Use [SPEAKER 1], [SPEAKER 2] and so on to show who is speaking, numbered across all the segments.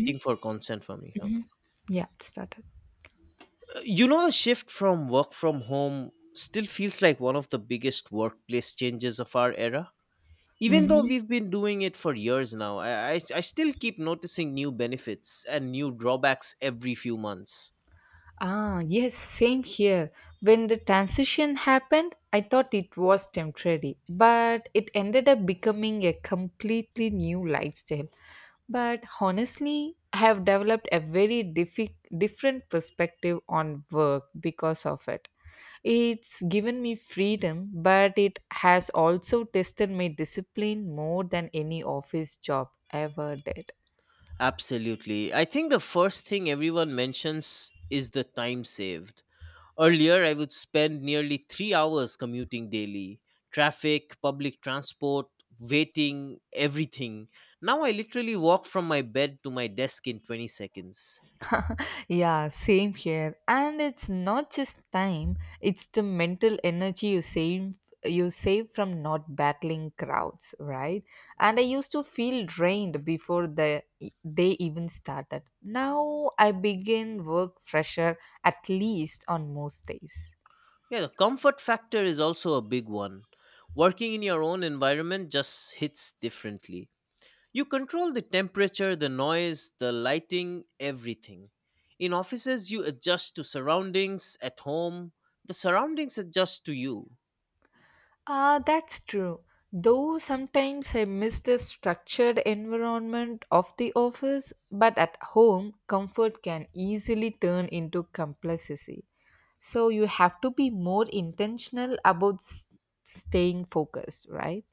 [SPEAKER 1] Mhm.
[SPEAKER 2] Waiting for consent for me. Okay.
[SPEAKER 1] Yeah, it started.
[SPEAKER 2] You know the shift from work from home still feels like one of the biggest workplace changes of our era. Even though
[SPEAKER 1] Mhm.
[SPEAKER 2] we've been doing it for years now, I still keep noticing new benefits and new drawbacks every few months.
[SPEAKER 1] Yes, same here. When the transition happened, I thought it was temporary, but it ended up becoming a completely new lifestyle. But honestly, I have developed a different perspective on work because of it. It's given me freedom, but it has also tested my discipline more than any office job ever did.
[SPEAKER 2] Absolutely. I think the first thing everyone mentions is the time saved. Earlier, I would spend nearly 3 hours commuting daily, traffic, public transport, waiting, everything. Now I literally walk from my bed to my desk in 20 seconds.
[SPEAKER 1] Yeah, same here. And it's not just time, it's the mental energy you save from not battling crowds, right? And I used to feel drained before the day even started. Now I begin work fresher, at least on most days.
[SPEAKER 2] Yeah, the comfort factor is also a big one. Working in your own environment just hits differently. You control the temperature, the noise, the lighting, everything. In offices, you adjust to surroundings. At home, the surroundings adjust to you.
[SPEAKER 1] That's true. Though sometimes I miss the structured environment of the office, but at home, comfort can easily turn into complacency. So you have to be more intentional about staying focused, right?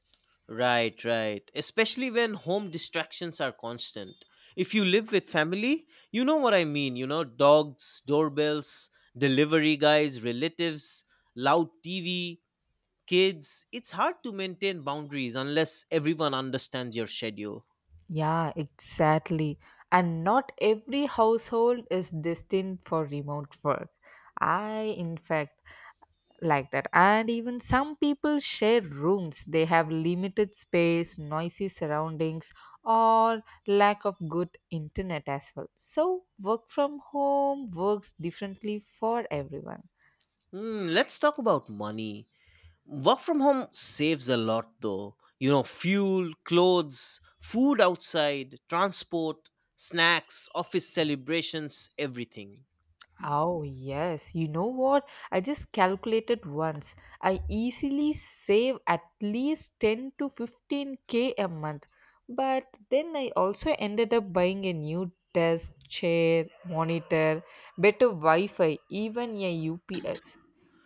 [SPEAKER 2] Right, right. Especially when home distractions are constant. If you live with family, you know what I mean, you know, dogs, doorbells, delivery guys, relatives, loud TV, kids. It's hard to maintain boundaries unless everyone understands your schedule.
[SPEAKER 1] Yeah, exactly. And not every household is destined for remote work. I, in fact, like that. And even some people share rooms. They have limited space, noisy surroundings, or lack of good internet as well. So, work from home works differently for everyone.
[SPEAKER 2] Hmm, let's talk about money. Work from home saves a lot though. You know, fuel, clothes, food outside, transport, snacks, office celebrations, everything.
[SPEAKER 1] Oh, yes. You know what? I just calculated once. I easily save at least 10 to 15k a month. But then I also ended up buying a new desk, chair, monitor, better Wi Fi, even a UPS.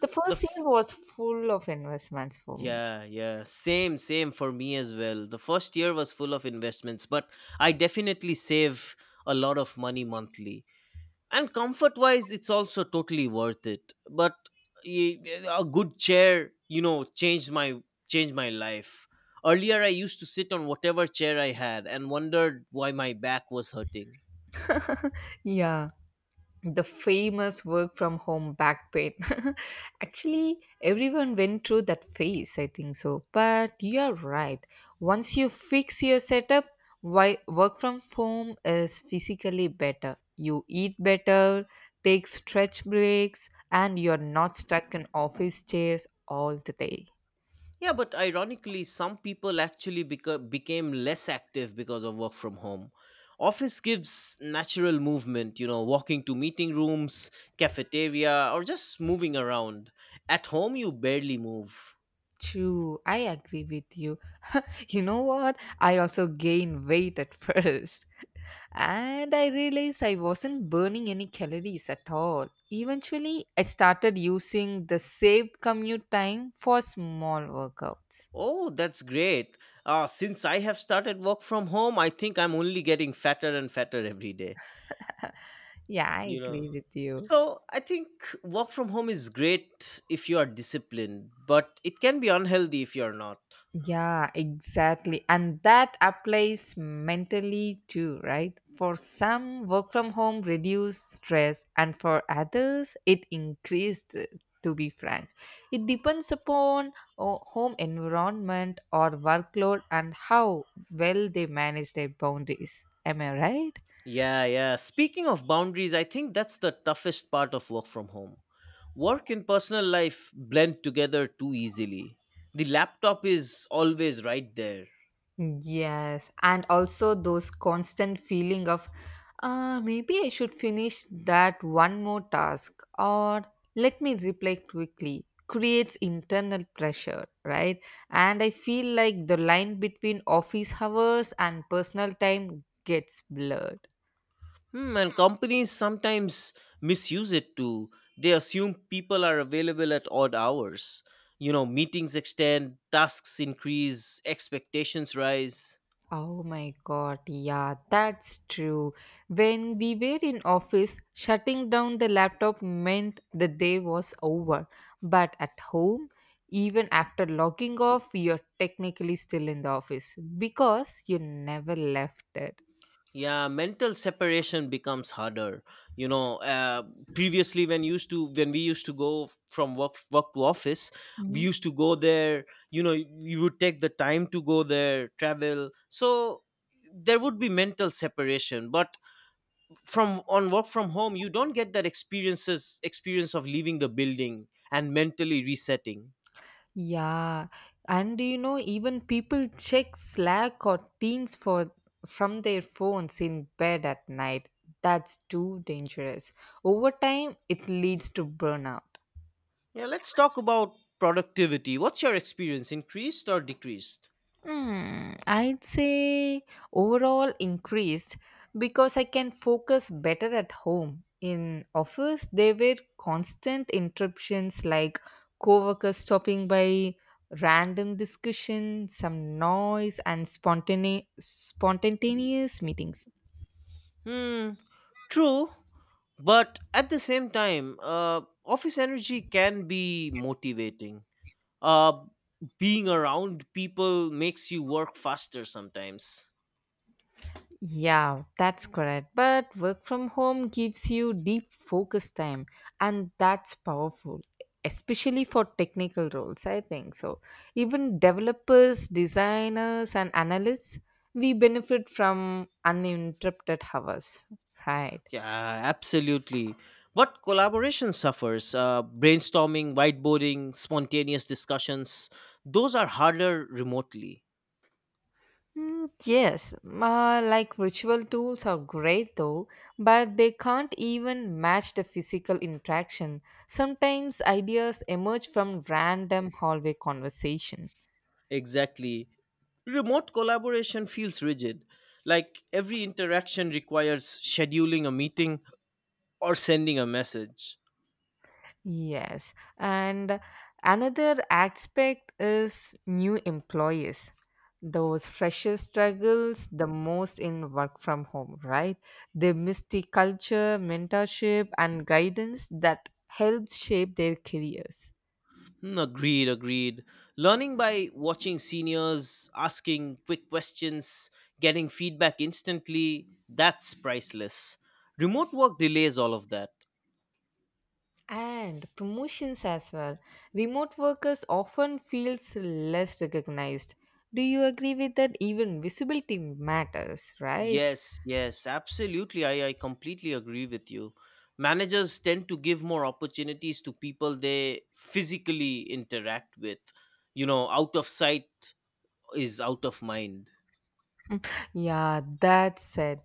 [SPEAKER 1] The
[SPEAKER 2] The
[SPEAKER 1] first year was full of investments for me.
[SPEAKER 2] Yeah, yeah. Same for me as well. The first year was full of investments, but I definitely save a lot of money monthly. And comfort wise, it's also totally worth it. But y- a good chair, you know, changed my life. Earlier I used to sit on whatever chair I had and wondered why my back was hurting.
[SPEAKER 1] Yeah, the famous work from home back pain. Actually, everyone went through that phase, I think so. But you're right. Once you fix your setup, why work from home is physically better. You eat better, take stretch breaks, and you're not stuck in office chairs all the day.
[SPEAKER 2] Yeah, but ironically, some people actually became less active because of work from home. Office gives natural movement, you know, walking to meeting rooms, cafeteria, or just moving around. At home, you barely move.
[SPEAKER 1] True, I agree with you. You know what? I also gain weight at first. And I realized I wasn't burning any calories at all. Eventually, I started using the saved commute time for small workouts.
[SPEAKER 2] Oh, that's great. Since I have started work from home, I think I'm only getting fatter and fatter every day.
[SPEAKER 1] Yeah, I
[SPEAKER 2] You
[SPEAKER 1] agree
[SPEAKER 2] know,
[SPEAKER 1] with you.
[SPEAKER 2] so I think work from home is great if you are disciplined, but it can be unhealthy if you're not.
[SPEAKER 1] Yeah, exactly. And that applies mentally too, right? For some, work from home reduced stress, and for others, it increased, to be frank. It depends upon home environment or workload and how well they manage their boundaries. Am I right?
[SPEAKER 2] Yeah, yeah. Speaking of boundaries, I think that's the toughest part of work from home. Work and personal life blend together too easily. The laptop is always right there.
[SPEAKER 1] Yes, and also those constant feeling of, maybe I should finish that one more task or let me reply quickly creates internal pressure, right? And I feel like the line between office hours and personal time gets blurred.
[SPEAKER 2] Hmm, and companies sometimes misuse it too. They assume people are available at odd hours. You know, meetings extend, tasks increase, expectations rise.
[SPEAKER 1] Oh my god, yeah, that's true. When we were in office, shutting down the laptop meant the day was over. But at home, even after logging off, you're technically still in the office because you never left it.
[SPEAKER 2] Yeah, mental separation becomes harder. You know, uh, previously when we used to go from work to office, we
[SPEAKER 1] Mhm.
[SPEAKER 2] used to go there. You know, you would take the time to go there, travel. So there would be mental separation, but from on work from home you don't get that experience of leaving the building and mentally resetting.
[SPEAKER 1] Yeah, and do you know, even people check Slack or Teams for from their phones in bed at night. That's too dangerous. Over time, it leads to burnout.
[SPEAKER 2] Yeah, let's talk about productivity. What's your experience, increased or decreased?
[SPEAKER 1] Hmm, I'd say overall increased because I can focus better at home. In office, there were constant interruptions like coworkers stopping by, random discussion, some noise, and spontaneous meetings.
[SPEAKER 2] Hmm, true. But at the same time, office energy can be motivating. Uh, being around people makes you work faster sometimes.
[SPEAKER 1] Yeah, that's correct. But work from home gives you deep focus time, and that's powerful, especially for technical roles, I think. So, even developers, designers, and analysts, we benefit from uninterrupted hours, right?
[SPEAKER 2] Yeah, absolutely. But collaboration suffers. Brainstorming, whiteboarding, spontaneous discussions, those are harder remotely.
[SPEAKER 1] Mm, yes, like virtual tools are great though, but they can't even match the physical interaction. Sometimes ideas emerge from random hallway conversation.
[SPEAKER 2] Exactly. Remote collaboration feels rigid. Like every interaction requires scheduling a meeting or sending a message.
[SPEAKER 1] Yes, and another aspect is new employees. Those freshers struggles the most in work from home, right? They miss the culture, mentorship, and guidance that helps shape their careers.
[SPEAKER 2] Hmm, agreed, agreed. Learning by watching seniors, asking quick questions, getting feedback instantly, that's priceless. Remote work delays all of that.
[SPEAKER 1] And promotions as well. Remote workers often feels less recognized. Do you agree with that? Even visibility matters, right?
[SPEAKER 2] Yes, yes, absolutely. I completely agree with you. Managers tend to give more opportunities to people they physically interact with. You know, out of sight is out of mind.
[SPEAKER 1] Yeah, that's said.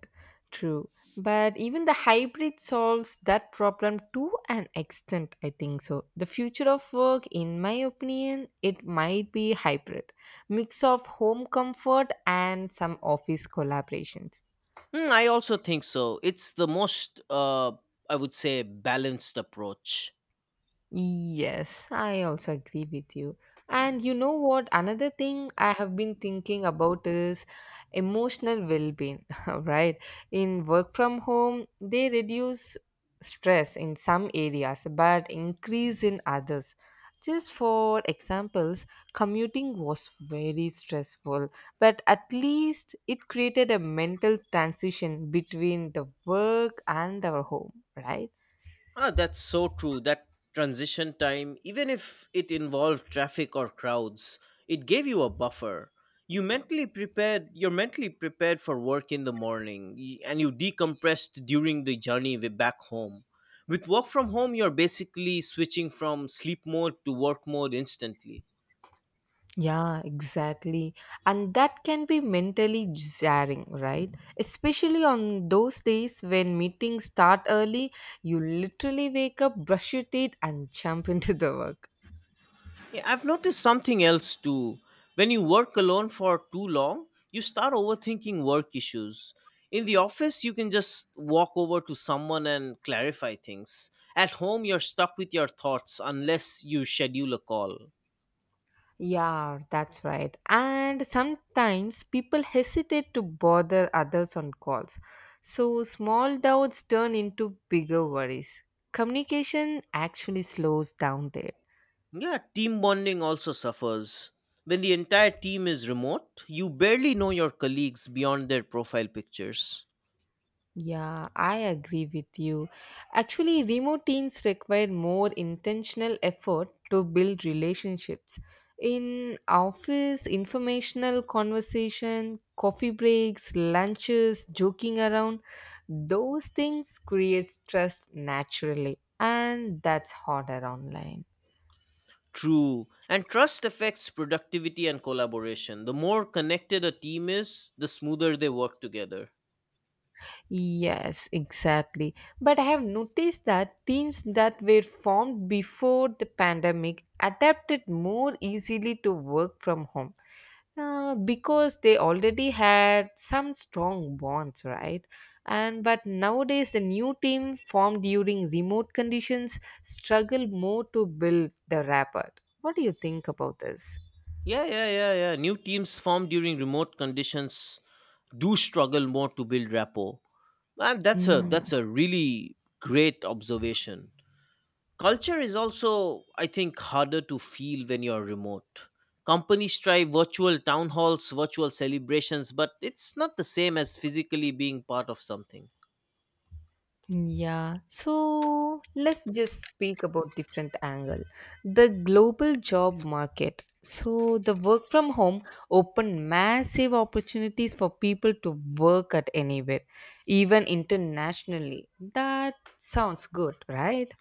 [SPEAKER 1] True. But even the hybrid solves that problem to an extent, I think so. The future of work, in my opinion, it might be hybrid, mix of home comfort and some office collaborations.
[SPEAKER 2] Hmm, I also think so. It's the most, I would say, balanced approach.
[SPEAKER 1] Yes, I also agree with you. And you know what? Another thing I have been thinking about is emotional well being, right? In work from home, they reduce stress in some areas but increase in others. Just for examples, commuting was very stressful, but at least it created a mental transition between the work and our home, right?
[SPEAKER 2] Ah, that's so true. That transition time, even if it involved traffic or crowds, it gave you a buffer. You're mentally prepared for work in the morning, and you decompressed during the journey back home. With work from home, you're basically switching from sleep mode to work mode instantly.
[SPEAKER 1] Yeah, exactly. And that can be mentally jarring, right? Especially on those days when meetings start early, you literally wake up, brush your teeth, and jump into the work.
[SPEAKER 2] Yeah, I've noticed something else too. When you work alone for too long, you start overthinking work issues. In the office, you can just walk over to someone and clarify things. At home, you're stuck with your thoughts unless you schedule a call.
[SPEAKER 1] Yeah, that's right. And sometimes people hesitate to bother others on calls. So small doubts turn into bigger worries. Communication actually slows down there.
[SPEAKER 2] Yeah, team bonding also suffers. When the entire team is remote, you barely know your colleagues beyond their profile pictures.
[SPEAKER 1] Yeah, I agree with you. Actually, remote teams require more intentional effort to build relationships. In office, informational conversation, coffee breaks, lunches, joking around, those things create trust naturally, and that's harder online.
[SPEAKER 2] True. And trust affects productivity and collaboration. The more connected a team is, the smoother they work together.
[SPEAKER 1] Yes, exactly. But I have noticed that teams that were formed before the pandemic adapted more easily to work from home, because they already had some strong bonds, right? And but nowadays, the new team formed during remote conditions struggle more to build the rapport. What do you think about this?
[SPEAKER 2] Yeah, yeah, yeah, yeah. New teams formed during remote conditions do struggle more to build rapport. And that's a
[SPEAKER 1] Mm,
[SPEAKER 2] that's a really great observation. Culture is also, I think, harder to feel when you're remote. Companies try virtual town halls, virtual celebrations, but it's not the same as physically being part of something.
[SPEAKER 1] yeah, so let's just speak about different angle. The global job market. So the work from home opened massive opportunities for people to work at anywhere, even internationally. That sounds good, right?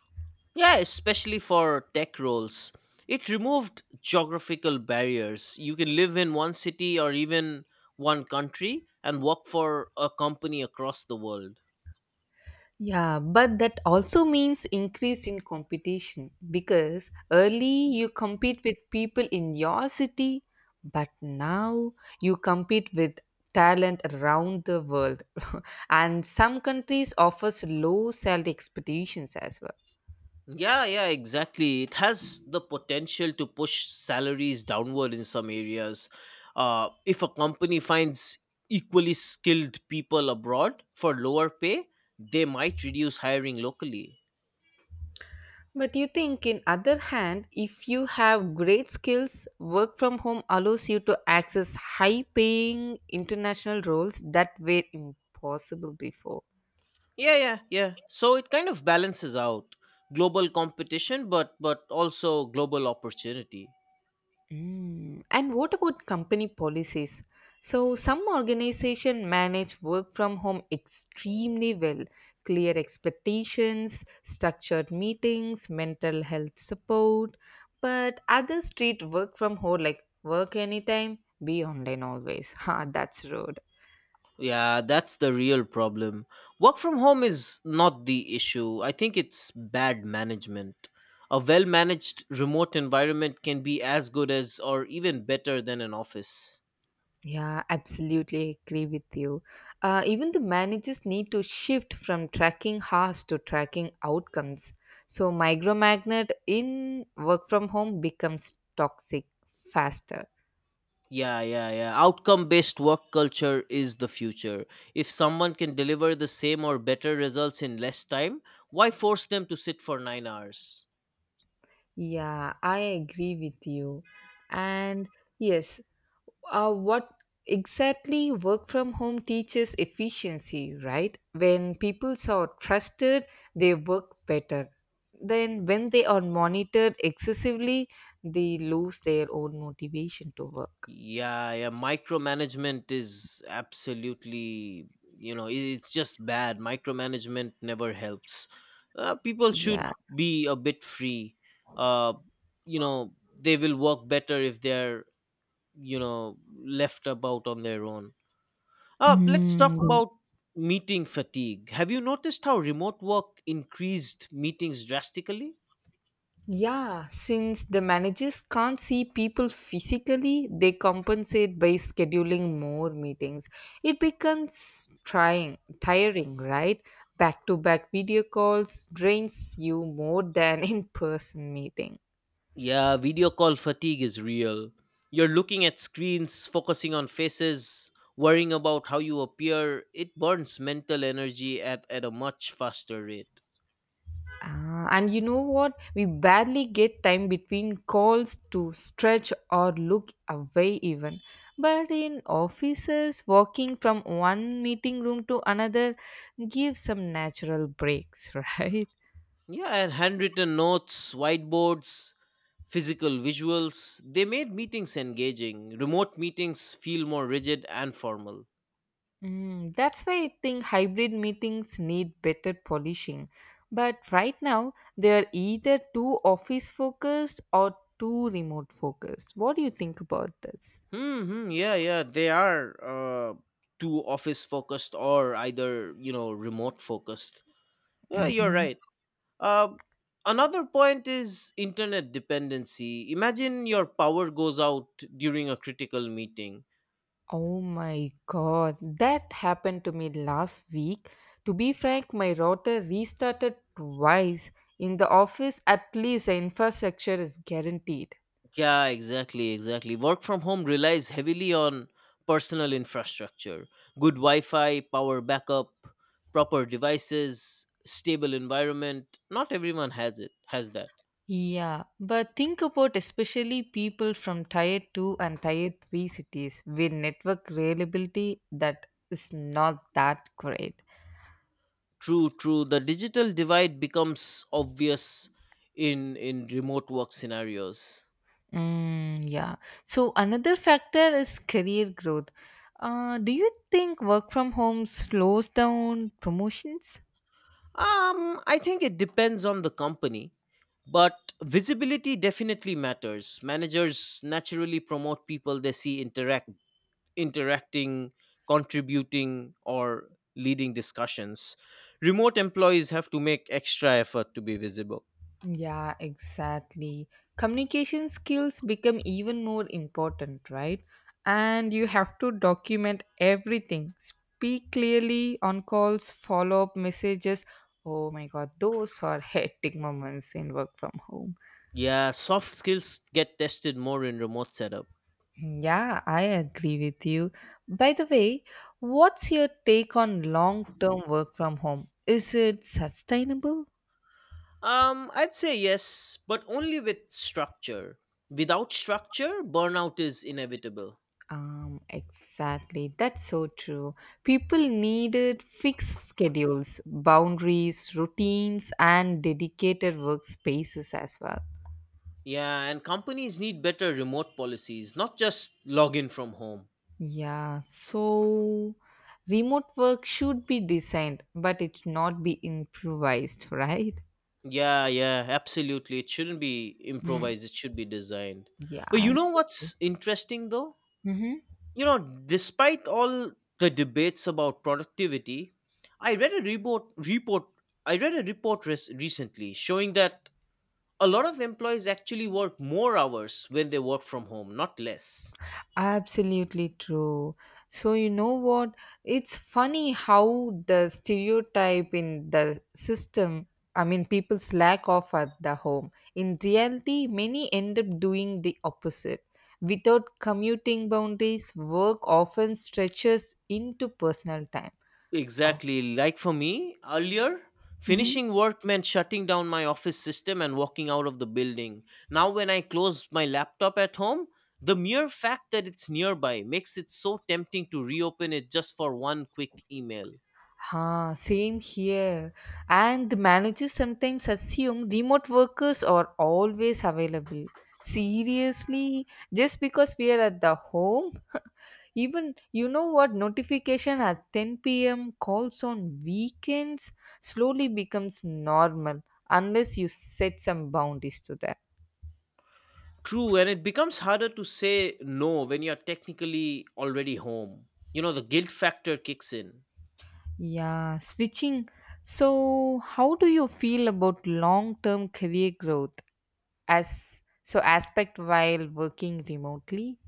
[SPEAKER 2] Yeah, especially for tech roles. It removed geographical barriers. You can live in one city or even one country and work for a company across the world.
[SPEAKER 1] Yeah, but that also means increase in competition because early you compete with people in your city, but now you compete with talent around the world. And some countries offers low salary expectations as well.
[SPEAKER 2] Yeah, yeah, exactly. It has the potential to push salaries downward in some areas. If a company finds equally skilled people abroad for lower pay, they might reduce hiring locally.
[SPEAKER 1] But you think in other hand, if you have great skills, work from home allows you to access high paying international roles that were impossible before.
[SPEAKER 2] Yeah, yeah, yeah. So it kind of balances out global competition, but also global opportunity.
[SPEAKER 1] Mm. And what about company policies? So, some organization manage work from home extremely well. Clear expectations, structured meetings, mental health support, but others treat work from home like work anytime, be online always. Ha, that's rude.
[SPEAKER 2] Yeah, that's the real problem. Work from home is not the issue. I think it's bad management. A well managed remote environment can be as good as or even better than an office.
[SPEAKER 1] Yeah, absolutely agree with you. Even the managers need to shift from tracking hours to tracking outcomes. So, micromagnet in work from home becomes toxic faster.
[SPEAKER 2] Yeah, yeah, yeah. Outcome based work culture is the future. If someone can deliver the same or better results in less time, why force them to sit for 9 hours?
[SPEAKER 1] Yeah, I agree with you. And yes, what exactly work from home teaches efficiency, right? When people are trusted, they work better. Then, when they are monitored excessively, they lose their own motivation to work.
[SPEAKER 2] Yeah, yeah, micromanagement is absolutely, you know, i- it's just bad. Micromanagement never helps. People should
[SPEAKER 1] Yeah.
[SPEAKER 2] be a bit free. Uh, you know, they will work better if they're, you know, left about on their own. Let's talk
[SPEAKER 1] Mm,
[SPEAKER 2] about meeting fatigue. Have you noticed how remote work increased meetings drastically?
[SPEAKER 1] yeah, since the managers can't see people physically, they compensate by scheduling more meetings. It becomes tiring, right? Back to back video calls drains you more than in person meetings.
[SPEAKER 2] Yeah, video call fatigue is real. You're looking at screens, focusing on faces, worrying about how you appear. It burns mental energy at a much faster rate.
[SPEAKER 1] Ah, and you know what? We barely get time between calls to stretch or look away, even. But in offices, walking from one meeting room to another gives some natural breaks, right?
[SPEAKER 2] Yeah, and handwritten notes, whiteboards, physical visuals, they made meetings engaging. Remote meetings feel more rigid and formal.
[SPEAKER 1] Mm, that's why I think hybrid meetings need better polishing. But right now, they are either too office focused or too remote focused. What do you think about this?
[SPEAKER 2] Hmm, hmm, yeah, yeah, they are uh, too office focused or either, you know, remote focused. Yeah, you're
[SPEAKER 1] Mm-mm.
[SPEAKER 2] right. Uh, another point is internet dependency. Imagine your power goes out during a critical meeting.
[SPEAKER 1] Oh my god, that happened to me last week. To be frank, my router restarted twice. In the office, at least the infrastructure is guaranteed.
[SPEAKER 2] Yeah, exactly, exactly. Work from home relies heavily on personal infrastructure, good Wi Fi, power backup, proper devices, stable environment. Not everyone has that.
[SPEAKER 1] Yeah, but think about especially people from tier 2 and tier 3 cities with network reliability that is not that great.
[SPEAKER 2] True, true. The digital divide becomes obvious in remote work scenarios.
[SPEAKER 1] Mm, yeah. So another factor is career growth. Do you think work from home slows down promotions?
[SPEAKER 2] I think it depends on the company. But visibility definitely matters. Managers naturally promote people they see interacting, contributing or leading discussions. Remote employees have to make extra effort to be visible.
[SPEAKER 1] Yeah, exactly. Communication skills become even more important, right? And you have to document everything. Speak clearly on calls, follow up messages. Oh my god, those are hectic moments in work from home.
[SPEAKER 2] Yeah, soft skills get tested more in remote setup.
[SPEAKER 1] Yeah, I agree with you. By the way, what's your take on long term work from home? Is it sustainable?
[SPEAKER 2] I'd say yes, but only with structure. Without structure, burnout is inevitable.
[SPEAKER 1] Exactly. That's so true. People needed fixed schedules, boundaries, routines, and dedicated workspaces as well.
[SPEAKER 2] Yeah, and companies need better remote policies, not just login from home.
[SPEAKER 1] Yeah, so remote work should be designed, but it should not be improvised, right?
[SPEAKER 2] Yeah, yeah, absolutely. It shouldn't be
[SPEAKER 1] Mm,
[SPEAKER 2] improvised, it should be designed.
[SPEAKER 1] yeah.
[SPEAKER 2] But
[SPEAKER 1] I,
[SPEAKER 2] you know what's interesting though?
[SPEAKER 1] Mhm.
[SPEAKER 2] You know, despite all the debates about productivity, I read a report report I read a report res- recently showing that a lot of employees actually work more hours when they work from home, not less.
[SPEAKER 1] Absolutely true. So, you know what? It's funny how the stereotype in the system, I mean, people's lack of at the home. In reality, many end up doing the opposite. Without commuting boundaries, work often stretches into personal time. Oh.
[SPEAKER 2] Exactly. Like for me, earlier,
[SPEAKER 1] Mhm.
[SPEAKER 2] finishing work meant shutting down my office system and walking out of the building. Now, when I close my laptop at home, the mere fact that it's nearby makes it so tempting to reopen it just for one quick email.
[SPEAKER 1] Huh, same here. And the managers sometimes assume remote workers are always available. Seriously, just because we are at the home, even you know what notification at 10 p.m. calls on weekends slowly becomes normal unless you set some boundaries to that.
[SPEAKER 2] True, and it becomes harder to say no when you're technically already home. You know, the guilt factor kicks in.
[SPEAKER 1] Yeah, switching. So, how do you feel about long term career growth as so aspect while working remotely?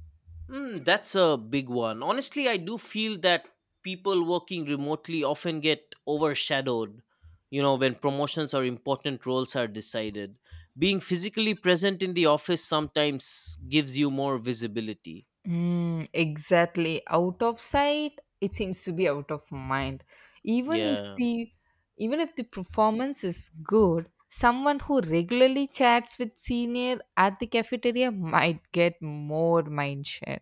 [SPEAKER 2] Mm, that's a big one. Honestly, I do feel that people working remotely often get overshadowed, you know, when promotions or important roles are decided. Being physically present in the office sometimes gives you more visibility.
[SPEAKER 1] Mm, exactly. Out of sight, it seems to be out of mind. Even if
[SPEAKER 2] Yeah.
[SPEAKER 1] the Even if the performance is good, someone who regularly chats with senior at the cafeteria might get more mindshare.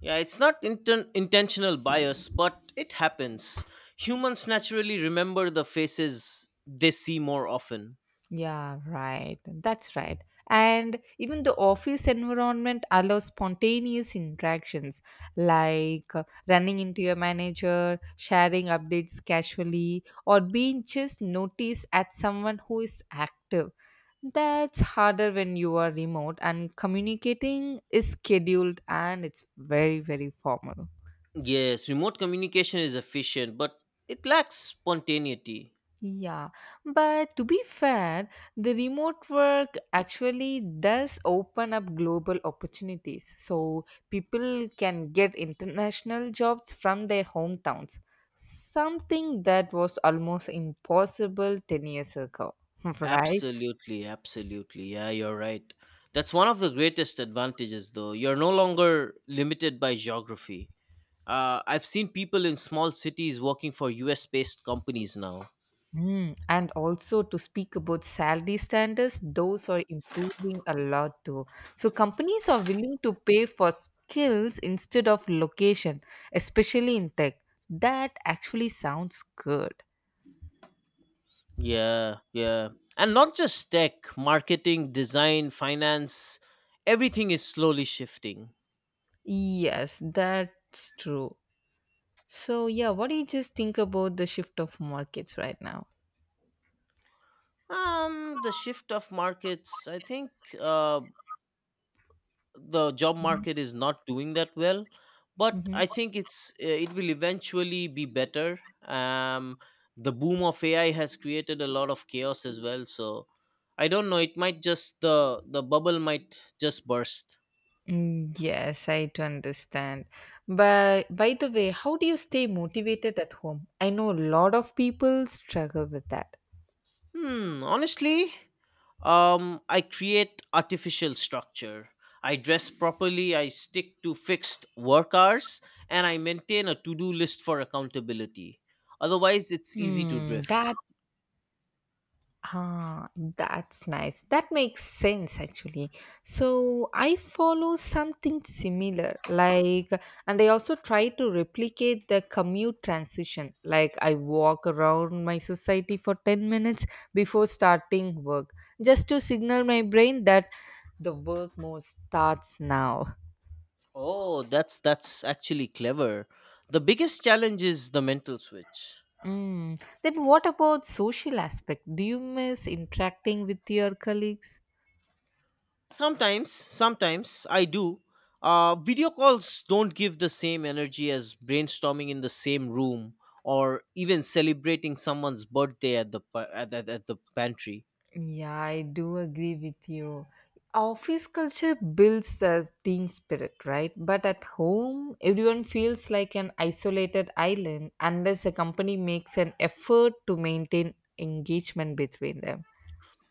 [SPEAKER 2] Yeah, it's not intentional bias, but it happens. Humans naturally remember the faces they see more often.
[SPEAKER 1] Yeah, right. That's right. And even the office environment allows spontaneous interactions like, running into your manager, sharing updates casually, or being just noticed as someone who is active. That's harder when you are remote and communicating is scheduled and it's very, very formal.
[SPEAKER 2] Yes, remote communication is efficient, but it lacks spontaneity.
[SPEAKER 1] Yeah, but to be fair, the remote work actually does open up global opportunities. So people can get international jobs from their hometowns, something that was almost impossible 10 years ago, right?
[SPEAKER 2] Absolutely, absolutely. Yeah, you're right. That's one of the greatest advantages, though. You're no longer limited by geography. I've seen people in small cities working for US based companies now.
[SPEAKER 1] Mm, and also to speak about salary standards, those are improving a lot too. So companies are willing to pay for skills instead of location, especially in tech. That actually sounds good.
[SPEAKER 2] Yeah, yeah. And not just tech, marketing, design, finance, everything is slowly shifting.
[SPEAKER 1] Yes, that's true. So yeah, what do you just think about the shift of markets right now?
[SPEAKER 2] The shift of markets, I think uh, the job market is not doing that well, but
[SPEAKER 1] Hmm.
[SPEAKER 2] I think it will eventually be better. Um, the boom of AI has created a lot of chaos as well. So I don't know, it might just, the bubble might just burst.
[SPEAKER 1] Yes, I do understand. But by the way, how do you stay motivated at home? I know a lot of people struggle with that.
[SPEAKER 2] Hmm, honestly, um, I create artificial structure. I dress properly, I stick to fixed work hours, and I maintain a to-do list for accountability. Otherwise it's easy to
[SPEAKER 1] Mm, that
[SPEAKER 2] drift.
[SPEAKER 1] ah, that's nice. That makes sense actually. So I follow something similar, like, and I also try to replicate the commute transition. Like I walk around my society for 10 minutes before starting work, just to signal my brain that the work mode starts now.
[SPEAKER 2] Oh, that's actually clever. The biggest challenge is the mental switch.
[SPEAKER 1] Mm. Then what about social aspect? Do you miss interacting with your colleagues?
[SPEAKER 2] Sometimes, sometimes I do. Video calls don't give the same energy as brainstorming in the same room or even celebrating someone's birthday at the pa- at the pantry.
[SPEAKER 1] Yeah, I do agree with you. Office culture builds a team spirit, right? But at home, everyone feels like an isolated island unless a company makes an effort to maintain engagement between them.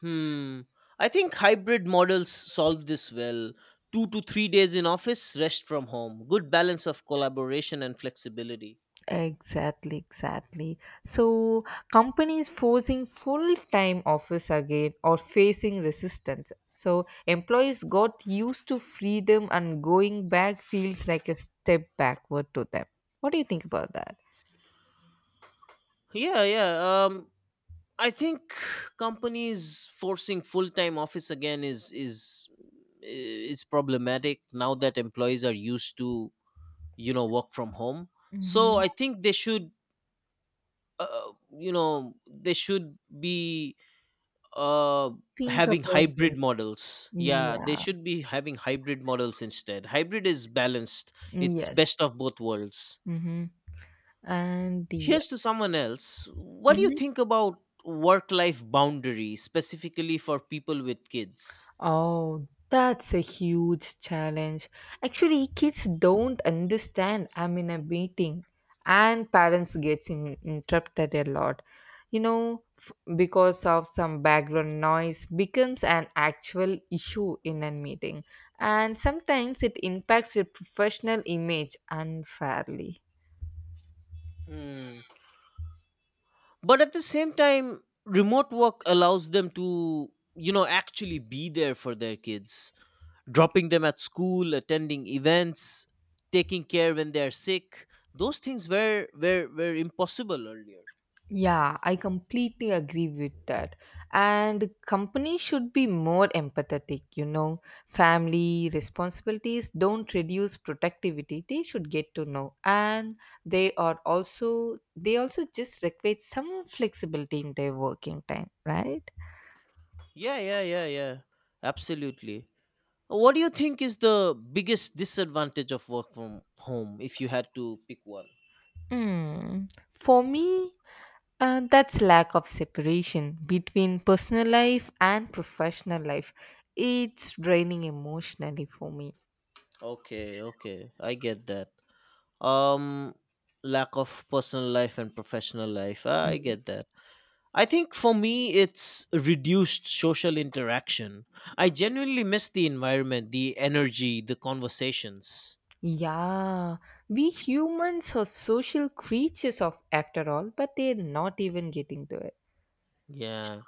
[SPEAKER 2] Hmm. I think hybrid models solve this well. 2 to 3 days in office, rest from home. Good balance of collaboration and flexibility.
[SPEAKER 1] Exactly, exactly. So, companies forcing full time office again or facing resistance. So, employees got used to freedom and going back feels like a step backward to them. What do you think about that?
[SPEAKER 2] Yeah, yeah. Um, I think companies forcing full time office again is problematic now that employees are used to, you know, work from home. So I
[SPEAKER 1] Hmm.
[SPEAKER 2] think they should, you know they should be uh,
[SPEAKER 1] Think
[SPEAKER 2] having
[SPEAKER 1] about this.
[SPEAKER 2] hybrid models. Yeah, they
[SPEAKER 1] Yeah.
[SPEAKER 2] should be having hybrid models instead. Hybrid is balanced.
[SPEAKER 1] Mm,
[SPEAKER 2] It's
[SPEAKER 1] yes.
[SPEAKER 2] best of both worlds.
[SPEAKER 1] hmm And the
[SPEAKER 2] Here's to someone else. What do you
[SPEAKER 1] Mhm.
[SPEAKER 2] think about work life boundaries, specifically for people with kids?
[SPEAKER 1] Oh, that's a huge challenge. Actually, kids don't understand. I'm in a meeting, and parents gets in, interrupted a lot. You know, because of some background noise becomes an actual issue in a meeting, and sometimes it impacts your professional image unfairly.
[SPEAKER 2] Hmm. But at the same time, remote work allows them to, you know, actually be there for their kids, dropping them at school, attending events, taking care when they're sick. Those things were impossible earlier.
[SPEAKER 1] Yeah, I completely agree with that. And companies should be more empathetic, you know. Family responsibilities don't reduce productivity. They should get to know. And they also just require some flexibility in their working time, right?
[SPEAKER 2] Yeah, yeah, yeah, yeah. Absolutely. What do you think is the biggest disadvantage of work from home if you had to pick one?
[SPEAKER 1] Hmm. For me, that's lack of separation between personal life and professional life. It's draining emotionally for me.
[SPEAKER 2] Okay, okay. I get that. Um, lack of personal life and professional life. I get that. I think for me it's reduced social interaction. I genuinely miss the environment, the energy, the conversations.
[SPEAKER 1] Yeah, we humans are social creatures of after all, but they're not even getting to it.
[SPEAKER 2] Yeah.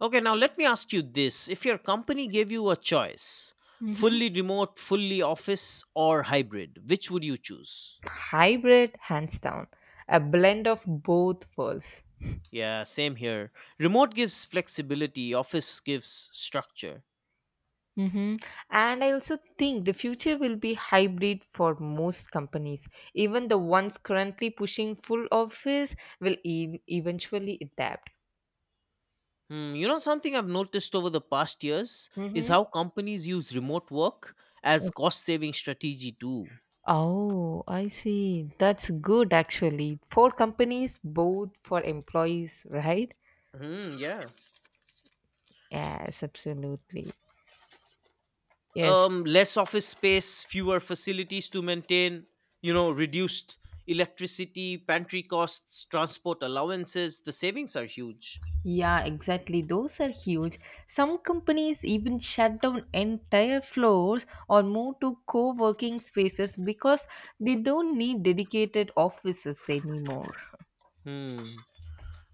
[SPEAKER 2] Okay, now let me ask you this. If your company gave you a choice,
[SPEAKER 1] Mm-hmm.
[SPEAKER 2] fully remote, fully office or hybrid, which would you choose?
[SPEAKER 1] Hybrid, hands down, a blend of both worlds.
[SPEAKER 2] Yeah, same here. Remote gives flexibility, office gives structure.
[SPEAKER 1] Mm-hmm. And I also think the future will be hybrid for most companies. Even the ones currently pushing full office will eventually adapt.
[SPEAKER 2] Hmm, you know, something I've noticed over the past years is
[SPEAKER 1] Mm-hmm.
[SPEAKER 2] how companies use remote work as cost saving strategy too.
[SPEAKER 1] Oh, I see. That's good actually. For companies, both for employees, right?
[SPEAKER 2] Hmm, yeah.
[SPEAKER 1] Yes, absolutely. Yes.
[SPEAKER 2] Less office space, fewer facilities to maintain, you know, reduced electricity, pantry costs, transport allowances. The savings are huge.
[SPEAKER 1] Yeah, exactly. Those are huge. Some companies even shut down entire floors or move to co working spaces because they don't need dedicated offices anymore.
[SPEAKER 2] Hmm.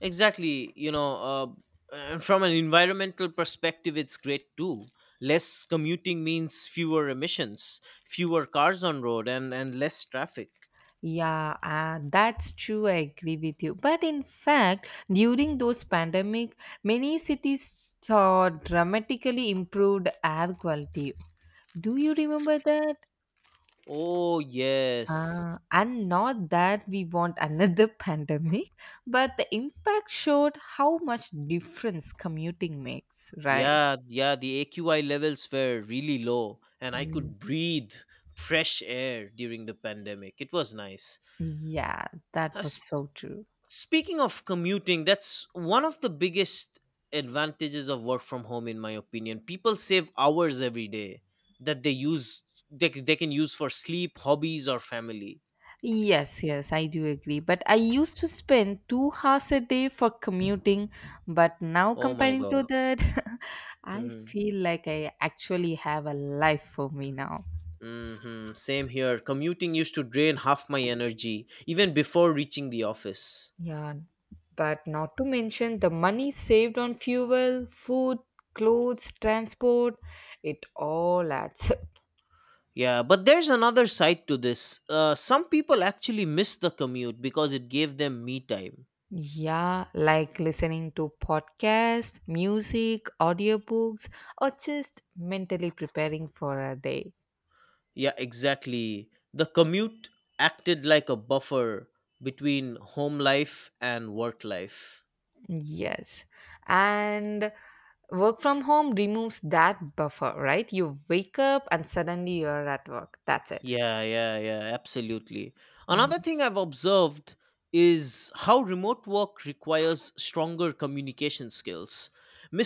[SPEAKER 2] Exactly. You know, and from an environmental perspective, it's great too. Less commuting means fewer emissions, fewer cars on road, and less traffic.
[SPEAKER 1] Yeah, that's true. I agree with you. But in fact, during those pandemic, many cities saw dramatically improved air quality. Do you remember that?
[SPEAKER 2] Oh, yes.
[SPEAKER 1] And not that we want another pandemic, but the impact showed how much difference commuting makes, right?
[SPEAKER 2] Yeah, yeah, the AQI levels were really low, and I
[SPEAKER 1] Mm.
[SPEAKER 2] could breathe fresh air during the pandemic. It was nice.
[SPEAKER 1] Yeah,
[SPEAKER 2] Uh,
[SPEAKER 1] that
[SPEAKER 2] s-
[SPEAKER 1] was so true.
[SPEAKER 2] speaking of commuting, that's one of the biggest advantages of work from home, in my opinion. People save hours every day that they can use for sleep, hobbies, or family.
[SPEAKER 1] Yes, yes, I do agree. But I used to spend 2 hours a day for commuting, but now
[SPEAKER 2] Oh my
[SPEAKER 1] comparing to
[SPEAKER 2] God.
[SPEAKER 1] that, I
[SPEAKER 2] hmm
[SPEAKER 1] feel like I actually have a life for me now.
[SPEAKER 2] Same here. Commuting used to drain half my energy, even before reaching the office.
[SPEAKER 1] Yeah, but not to mention the money saved on fuel, food, clothes, transport, it all adds. Up.
[SPEAKER 2] Yeah, but there's another side to this. Some people actually miss the commute because it gave them me time.
[SPEAKER 1] Yeah, like listening to podcasts, music, audiobooks, or just mentally preparing for a day.
[SPEAKER 2] Yeah, exactly. The commute acted like a buffer between home life and work life.
[SPEAKER 1] Yes. And work from home removes that buffer, right? You wake up and suddenly you're at work. That's it.
[SPEAKER 2] Yeah, yeah, yeah, absolutely. Another
[SPEAKER 1] Mm-hmm.
[SPEAKER 2] thing I've observed is how remote work requires stronger communication skills.